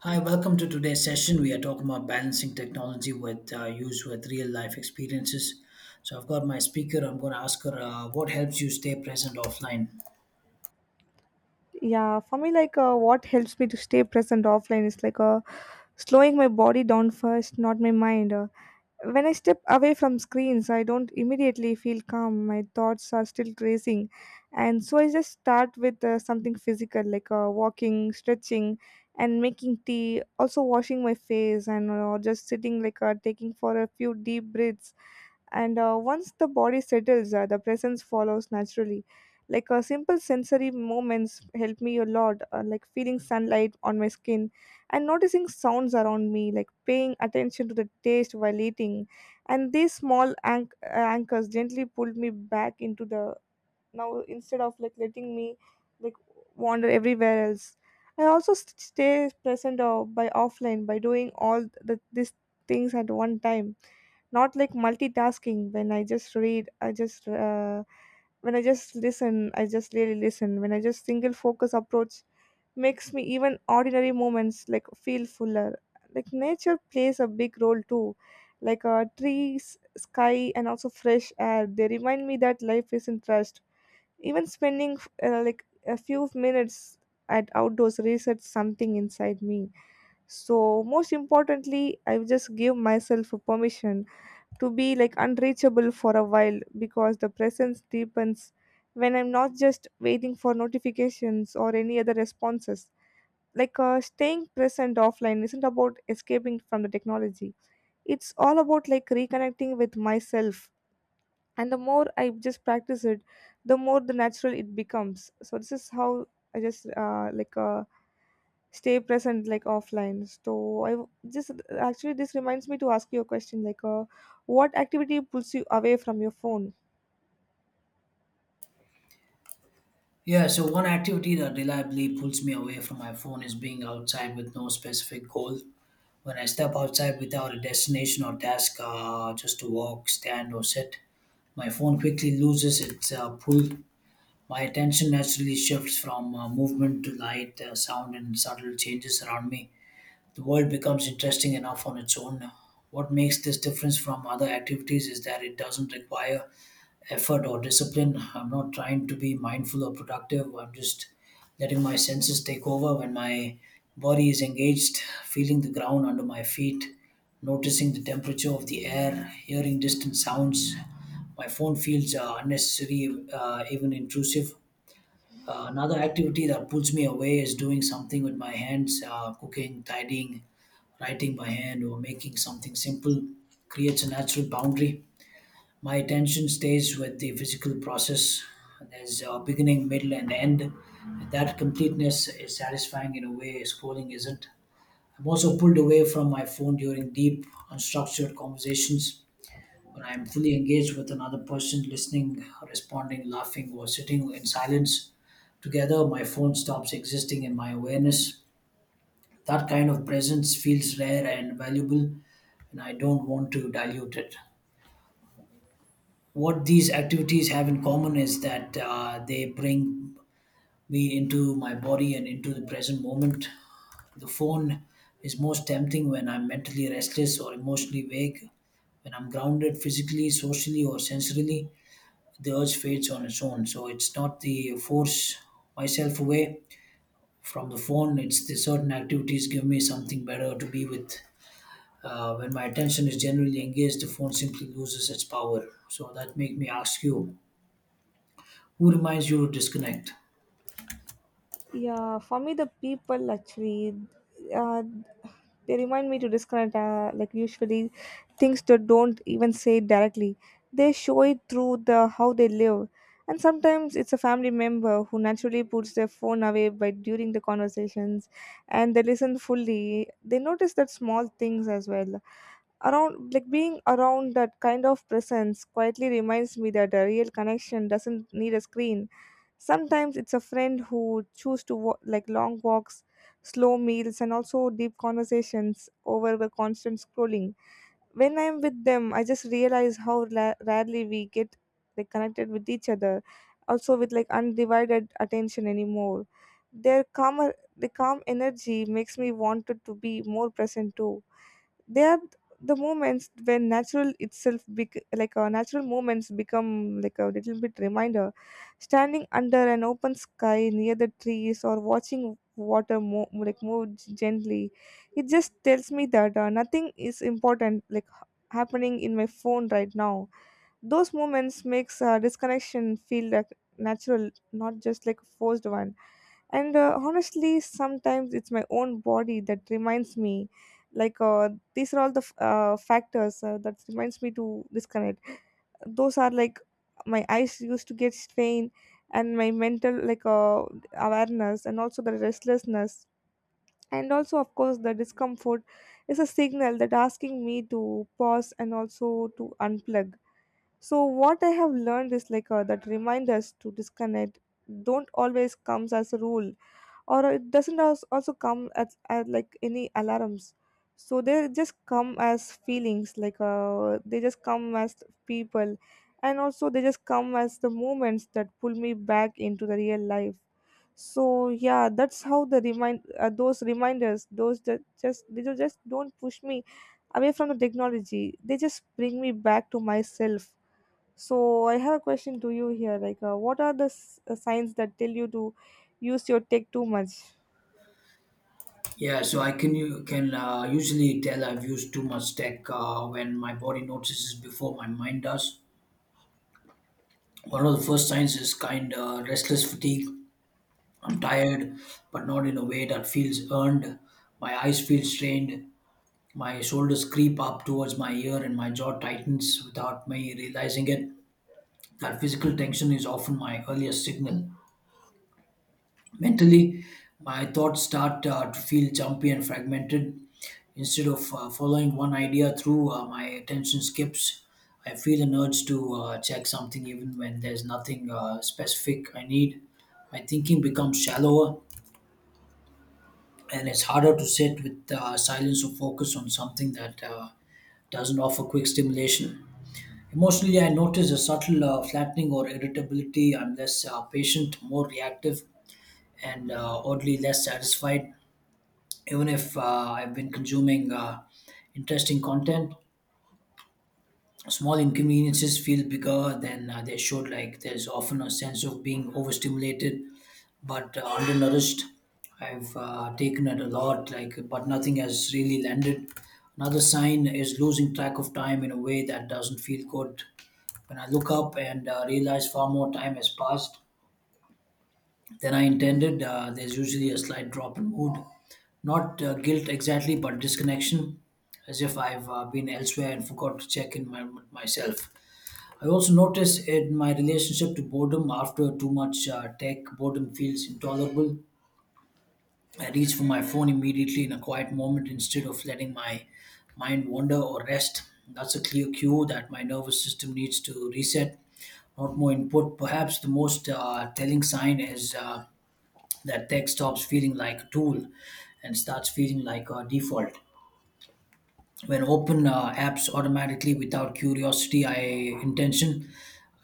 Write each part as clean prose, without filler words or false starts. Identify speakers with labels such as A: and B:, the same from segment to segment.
A: Hi, welcome to today's session. We are talking about balancing technology with use with real life experiences. So I've got my speaker. I'm going to ask her what helps you stay present offline.
B: Yeah, for me, like what helps me to stay present offline is slowing my body down first, not my mind. When I step away from screens, I don't immediately feel calm, my thoughts are still racing. And so I just start with something physical, like walking, stretching and making tea, also washing my face, and just sitting, like taking for a few deep breaths. And once the body settles, the presence follows naturally. Like simple sensory moments help me a lot, like feeling sunlight on my skin and noticing sounds around me, like paying attention to the taste while eating. And these small anchors gently pulled me back into the now, instead of like letting me like wander everywhere else. I also stay present by offline by doing all these things at one time, not like multitasking. When I just read, I just when I just listen, I just really listen. When I just single focus approach makes me even ordinary moments like feel fuller. Like nature plays a big role too, like trees, sky and also fresh air, they remind me that life isn't rushed. Even spending like a few minutes at outdoors resets something inside me. So most importantly, I just give myself a permission to be like unreachable for a while, because the presence deepens when I'm not just waiting for notifications or any other responses. Like staying present offline isn't about escaping from the technology. It's all about like reconnecting with myself. And the more I just practice it, the more the natural it becomes. So this is how I just stay present like offline. So this, actually this reminds me to ask you a question, like what activity pulls you away from your phone?
A: Yeah, so one activity that reliably pulls me away from my phone is being outside with no specific goal. When I step outside without a destination or task, just to walk, stand, or sit, my phone quickly loses its pull. My attention naturally shifts from movement to light, sound, and subtle changes around me. The world becomes interesting enough on its own. What makes this difference from other activities is that it doesn't require effort or discipline. I'm not trying to be mindful or productive. I'm just letting my senses take over when my body is engaged, feeling the ground under my feet, noticing the temperature of the air, hearing distant sounds. My phone feels unnecessary, even intrusive. Another activity that pulls me away is doing something with my hands, cooking, tidying, writing by hand, or making something simple. Creates a natural boundary. My attention stays with the physical process. There's a beginning, middle, and end. That completeness is satisfying in a way scrolling isn't. I'm also pulled away from my phone during deep, unstructured conversations when I am fully engaged with another person, listening, responding, laughing, or sitting in silence together, my phone stops existing in my awareness. That kind of presence feels rare and valuable, and I don't want to dilute it. What these activities have in common is that they bring me into my body and into the present moment. The phone is most tempting when I'm mentally restless or emotionally vague, when I'm grounded physically, socially, or sensorily. The urge fades on its own. So it's not the force myself away from the phone. It's the certain activities give me something better to be with. When my attention is generally engaged, the phone simply loses its power. So that make me ask you, who reminds you to disconnect?
B: Yeah, for me, the people actually uh, they remind me to disconnect, like usually things that don't even say it directly, they show it through the how they live. And sometimes it's a family member who naturally puts their phone away by during the conversations, and they listen fully, they notice that small things as well around. Like being around that kind of presence quietly reminds me that a real connection doesn't need a screen. Sometimes it's a friend who choose to like long walks, slow meals and also deep conversations over the constant scrolling. When I'm with them, I just realize how rarely we get like connected with each other, also with like undivided attention anymore. Their calmer, the calm energy makes me wanted to be more present too. they are th- the moments when natural itself natural moments become like a little bit reminder. Standing under an open sky near the trees, or watching water like gently, it just tells me that nothing is important like happening in my phone right now. Those moments makes disconnection feel like natural, not just like a forced one. And honestly, sometimes it's my own body that reminds me, like these are all the factors that reminds me to disconnect. Those are like, my eyes used to get strained, and my mental awareness and also the restlessness, and also of course the discomfort is a signal that asking me to pause and also to unplug. So what I have learned is that reminders to disconnect don't always comes as a rule, or it doesn't also come as like any alarms. So they just come as feelings, like they just come as people, and also they just come as the moments that pull me back into the real life. So yeah, that's how the remind those reminders, those that just they do just don't push me away from the technology, they just bring me back to myself. So I have a question to you here, like what are the signs that tell you to use your tech too much?
A: Yeah, so I can you can usually tell I've used too much tech when my body notices before my mind does. One of the first signs is kind of restless fatigue. I'm tired, but not in a way that feels earned. My eyes feel strained. My shoulders creep up towards my ear and my jaw tightens without me realizing it. That physical tension is often my earliest signal. Mentally, my thoughts start to feel jumpy and fragmented. Instead of following one idea through, my attention skips. I feel an urge to check something even when there's nothing specific I need. My thinking becomes shallower and it's harder to sit with silence or focus on something that doesn't offer quick stimulation. Emotionally, I notice a subtle flattening or irritability. I'm less patient, more reactive, and oddly less satisfied, even if I've been consuming interesting content. Small inconveniences feel bigger than they should, like, there's often a sense of being overstimulated but undernourished. I've taken it a lot, like, but nothing has really landed. Another sign is losing track of time in a way that doesn't feel good. When I look up and realize far more time has passed than I intended, there's usually a slight drop in mood. Not guilt exactly, but disconnection, as if I've been elsewhere and forgot to check in myself. I also notice in my relationship to boredom after too much tech, boredom feels intolerable. I reach for my phone immediately in a quiet moment instead of letting my mind wander or rest. That's a clear cue that my nervous system needs to reset, not more input. Perhaps the most telling sign is that tech stops feeling like a tool and starts feeling like a default. When open apps automatically without curiosity, I intention,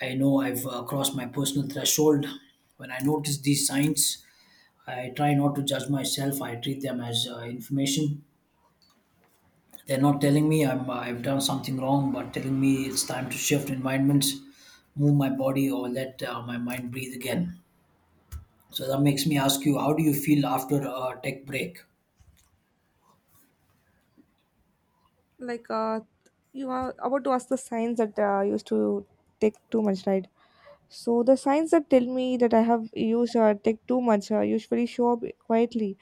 A: I know I've crossed my personal threshold. When I notice these signs, I try not to judge myself. I treat them as information. They're not telling me I've done something wrong, but telling me it's time to shift environments, move my body, or let my mind breathe again. So that makes me ask you, how do you feel after a tech break?
B: Like you are about to ask the signs that I used to take too much, right? So the signs that tell me that I have used or take too much usually show up quietly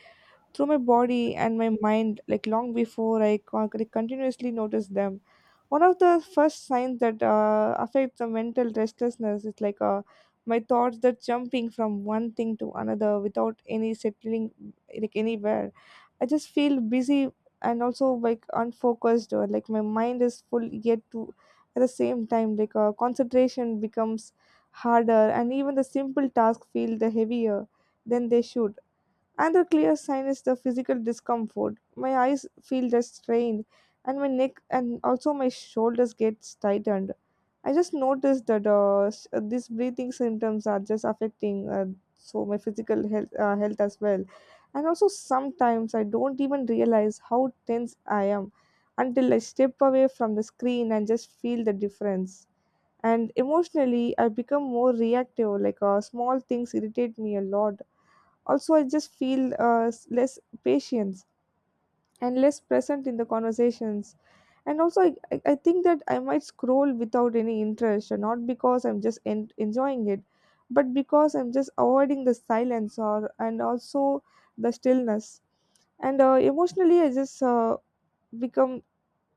B: through my body and my mind, like long before I like, continuously notice them. One of the first signs that affects the mental restlessness is my thoughts that jumping from one thing to another without any settling like anywhere. I just feel busy and also like unfocused, or like my mind is full yet to at the same time. Concentration becomes harder, and even the simple tasks feel the heavier than they should. Another clear sign is the physical discomfort. My eyes feel just strained, and my neck and also my shoulders gets tightened. I just noticed that these breathing symptoms are just affecting so my physical health as well. And also sometimes I don't even realize how tense I am until I step away from the screen and just feel the difference. And emotionally, I become more reactive. Like small things irritate me a lot. Also, I just feel less patience and less present in the conversations. And also, I think that I might scroll without any interest, and not because I'm just enjoying it, but because I'm just avoiding the silence or and also the stillness. And emotionally, I just become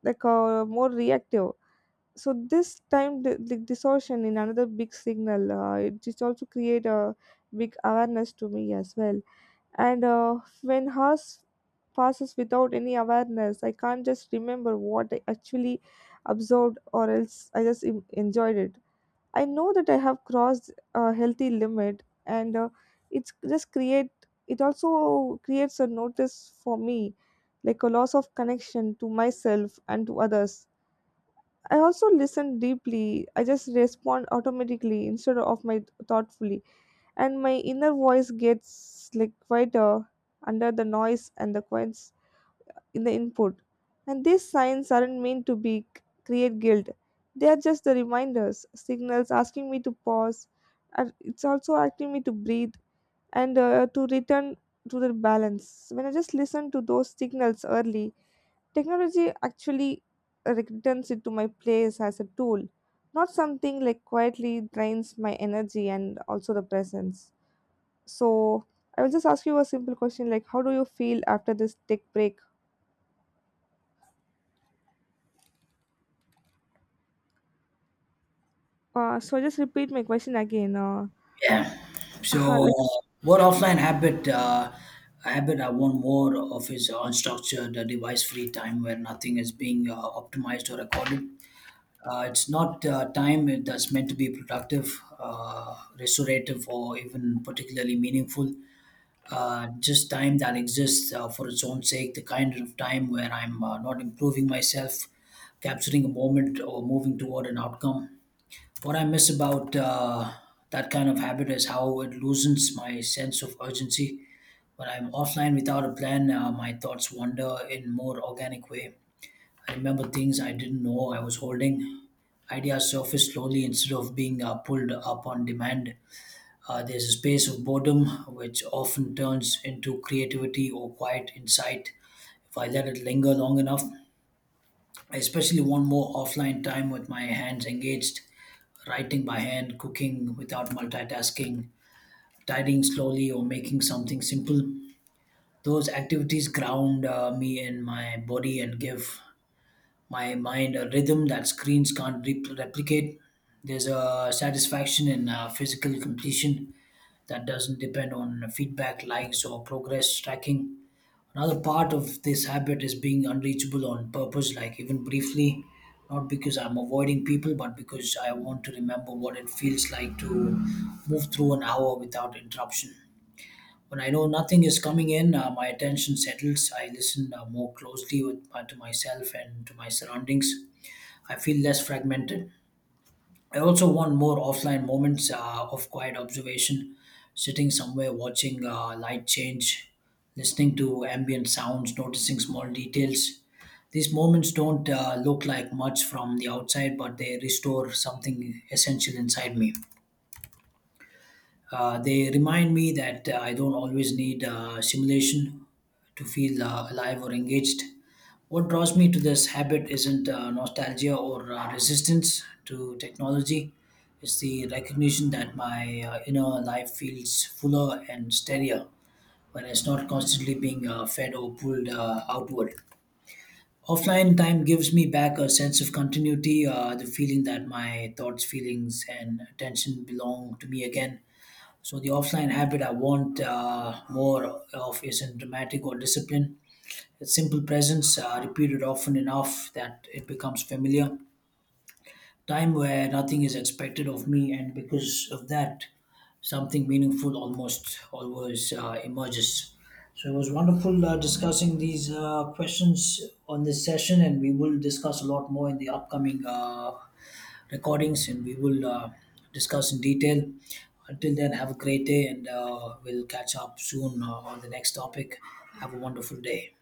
B: more reactive. So this time the distortion in another big signal, it just also create a big awareness to me as well. And when hours passes without any awareness, I can't just remember what I actually absorbed, or else I just enjoyed it. I know that I have crossed a healthy limit, and it's just create, it also creates a notice for me, like a loss of connection to myself and to others. I also listen deeply, I just respond automatically instead of my thoughtfully, and my inner voice gets like quieter under the noise and the coins in the input. And these signs aren't meant to be create guilt, they are just the reminders signals asking me to pause, and it's also asking me to breathe, and to return to the balance. When I just listen to those signals early, technology actually returns it to my place as a tool, not something like quietly drains my energy and also the presence. So I will just ask you a simple question, like, how do you feel after this tech break? So just repeat my question again.
A: Yeah. So,
B: Like
A: what offline habit? A habit I want more of is unstructured, device-free time where nothing is being optimized or recorded. It's not time that's meant to be productive, restorative, or even particularly meaningful. Just time that exists for its own sake, the kind of time where I'm not improving myself, capturing a moment, or moving toward an outcome. What I miss about that kind of habit is how it loosens my sense of urgency. When I'm offline without a plan, my thoughts wander in more organic way. I remember things I didn't know I was holding. Ideas surface slowly instead of being pulled up on demand. There's a space of boredom which often turns into creativity or quiet insight if I let it linger long enough. I especially want more offline time with my hands engaged, writing by hand, cooking without multitasking, tidying slowly, or making something simple. Those activities ground me in my body and give my mind a rhythm that screens can't replicate. There's a satisfaction in physical completion that doesn't depend on feedback, likes, or progress tracking. Another part of this habit is being unreachable on purpose, like even briefly, not because I'm avoiding people, but because I want to remember what it feels like to move through an hour without interruption. When I know nothing is coming in, my attention settles. I listen more closely to myself and to my surroundings. I feel less fragmented. I also want more offline moments of quiet observation, sitting somewhere watching light change, listening to ambient sounds, noticing small details. These moments don't look like much from the outside, but they restore something essential inside me. They remind me that I don't always need simulation to feel alive or engaged. What draws me to this habit isn't nostalgia or resistance to technology. It's the recognition that my inner life feels fuller and steadier when it's not constantly being fed or pulled outward. Offline time gives me back a sense of continuity, the feeling that my thoughts, feelings, and attention belong to me again. So the offline habit I want more of isn't dramatic or discipline. It's simple presence, repeated often enough that it becomes familiar time where nothing is expected of me, and because of that, something meaningful almost always emerges. So it was wonderful discussing these questions on this session, and we will discuss a lot more in the upcoming recordings, and we will discuss in detail. Until then, have a great day, and we'll catch up soon on the next topic. Have a wonderful day.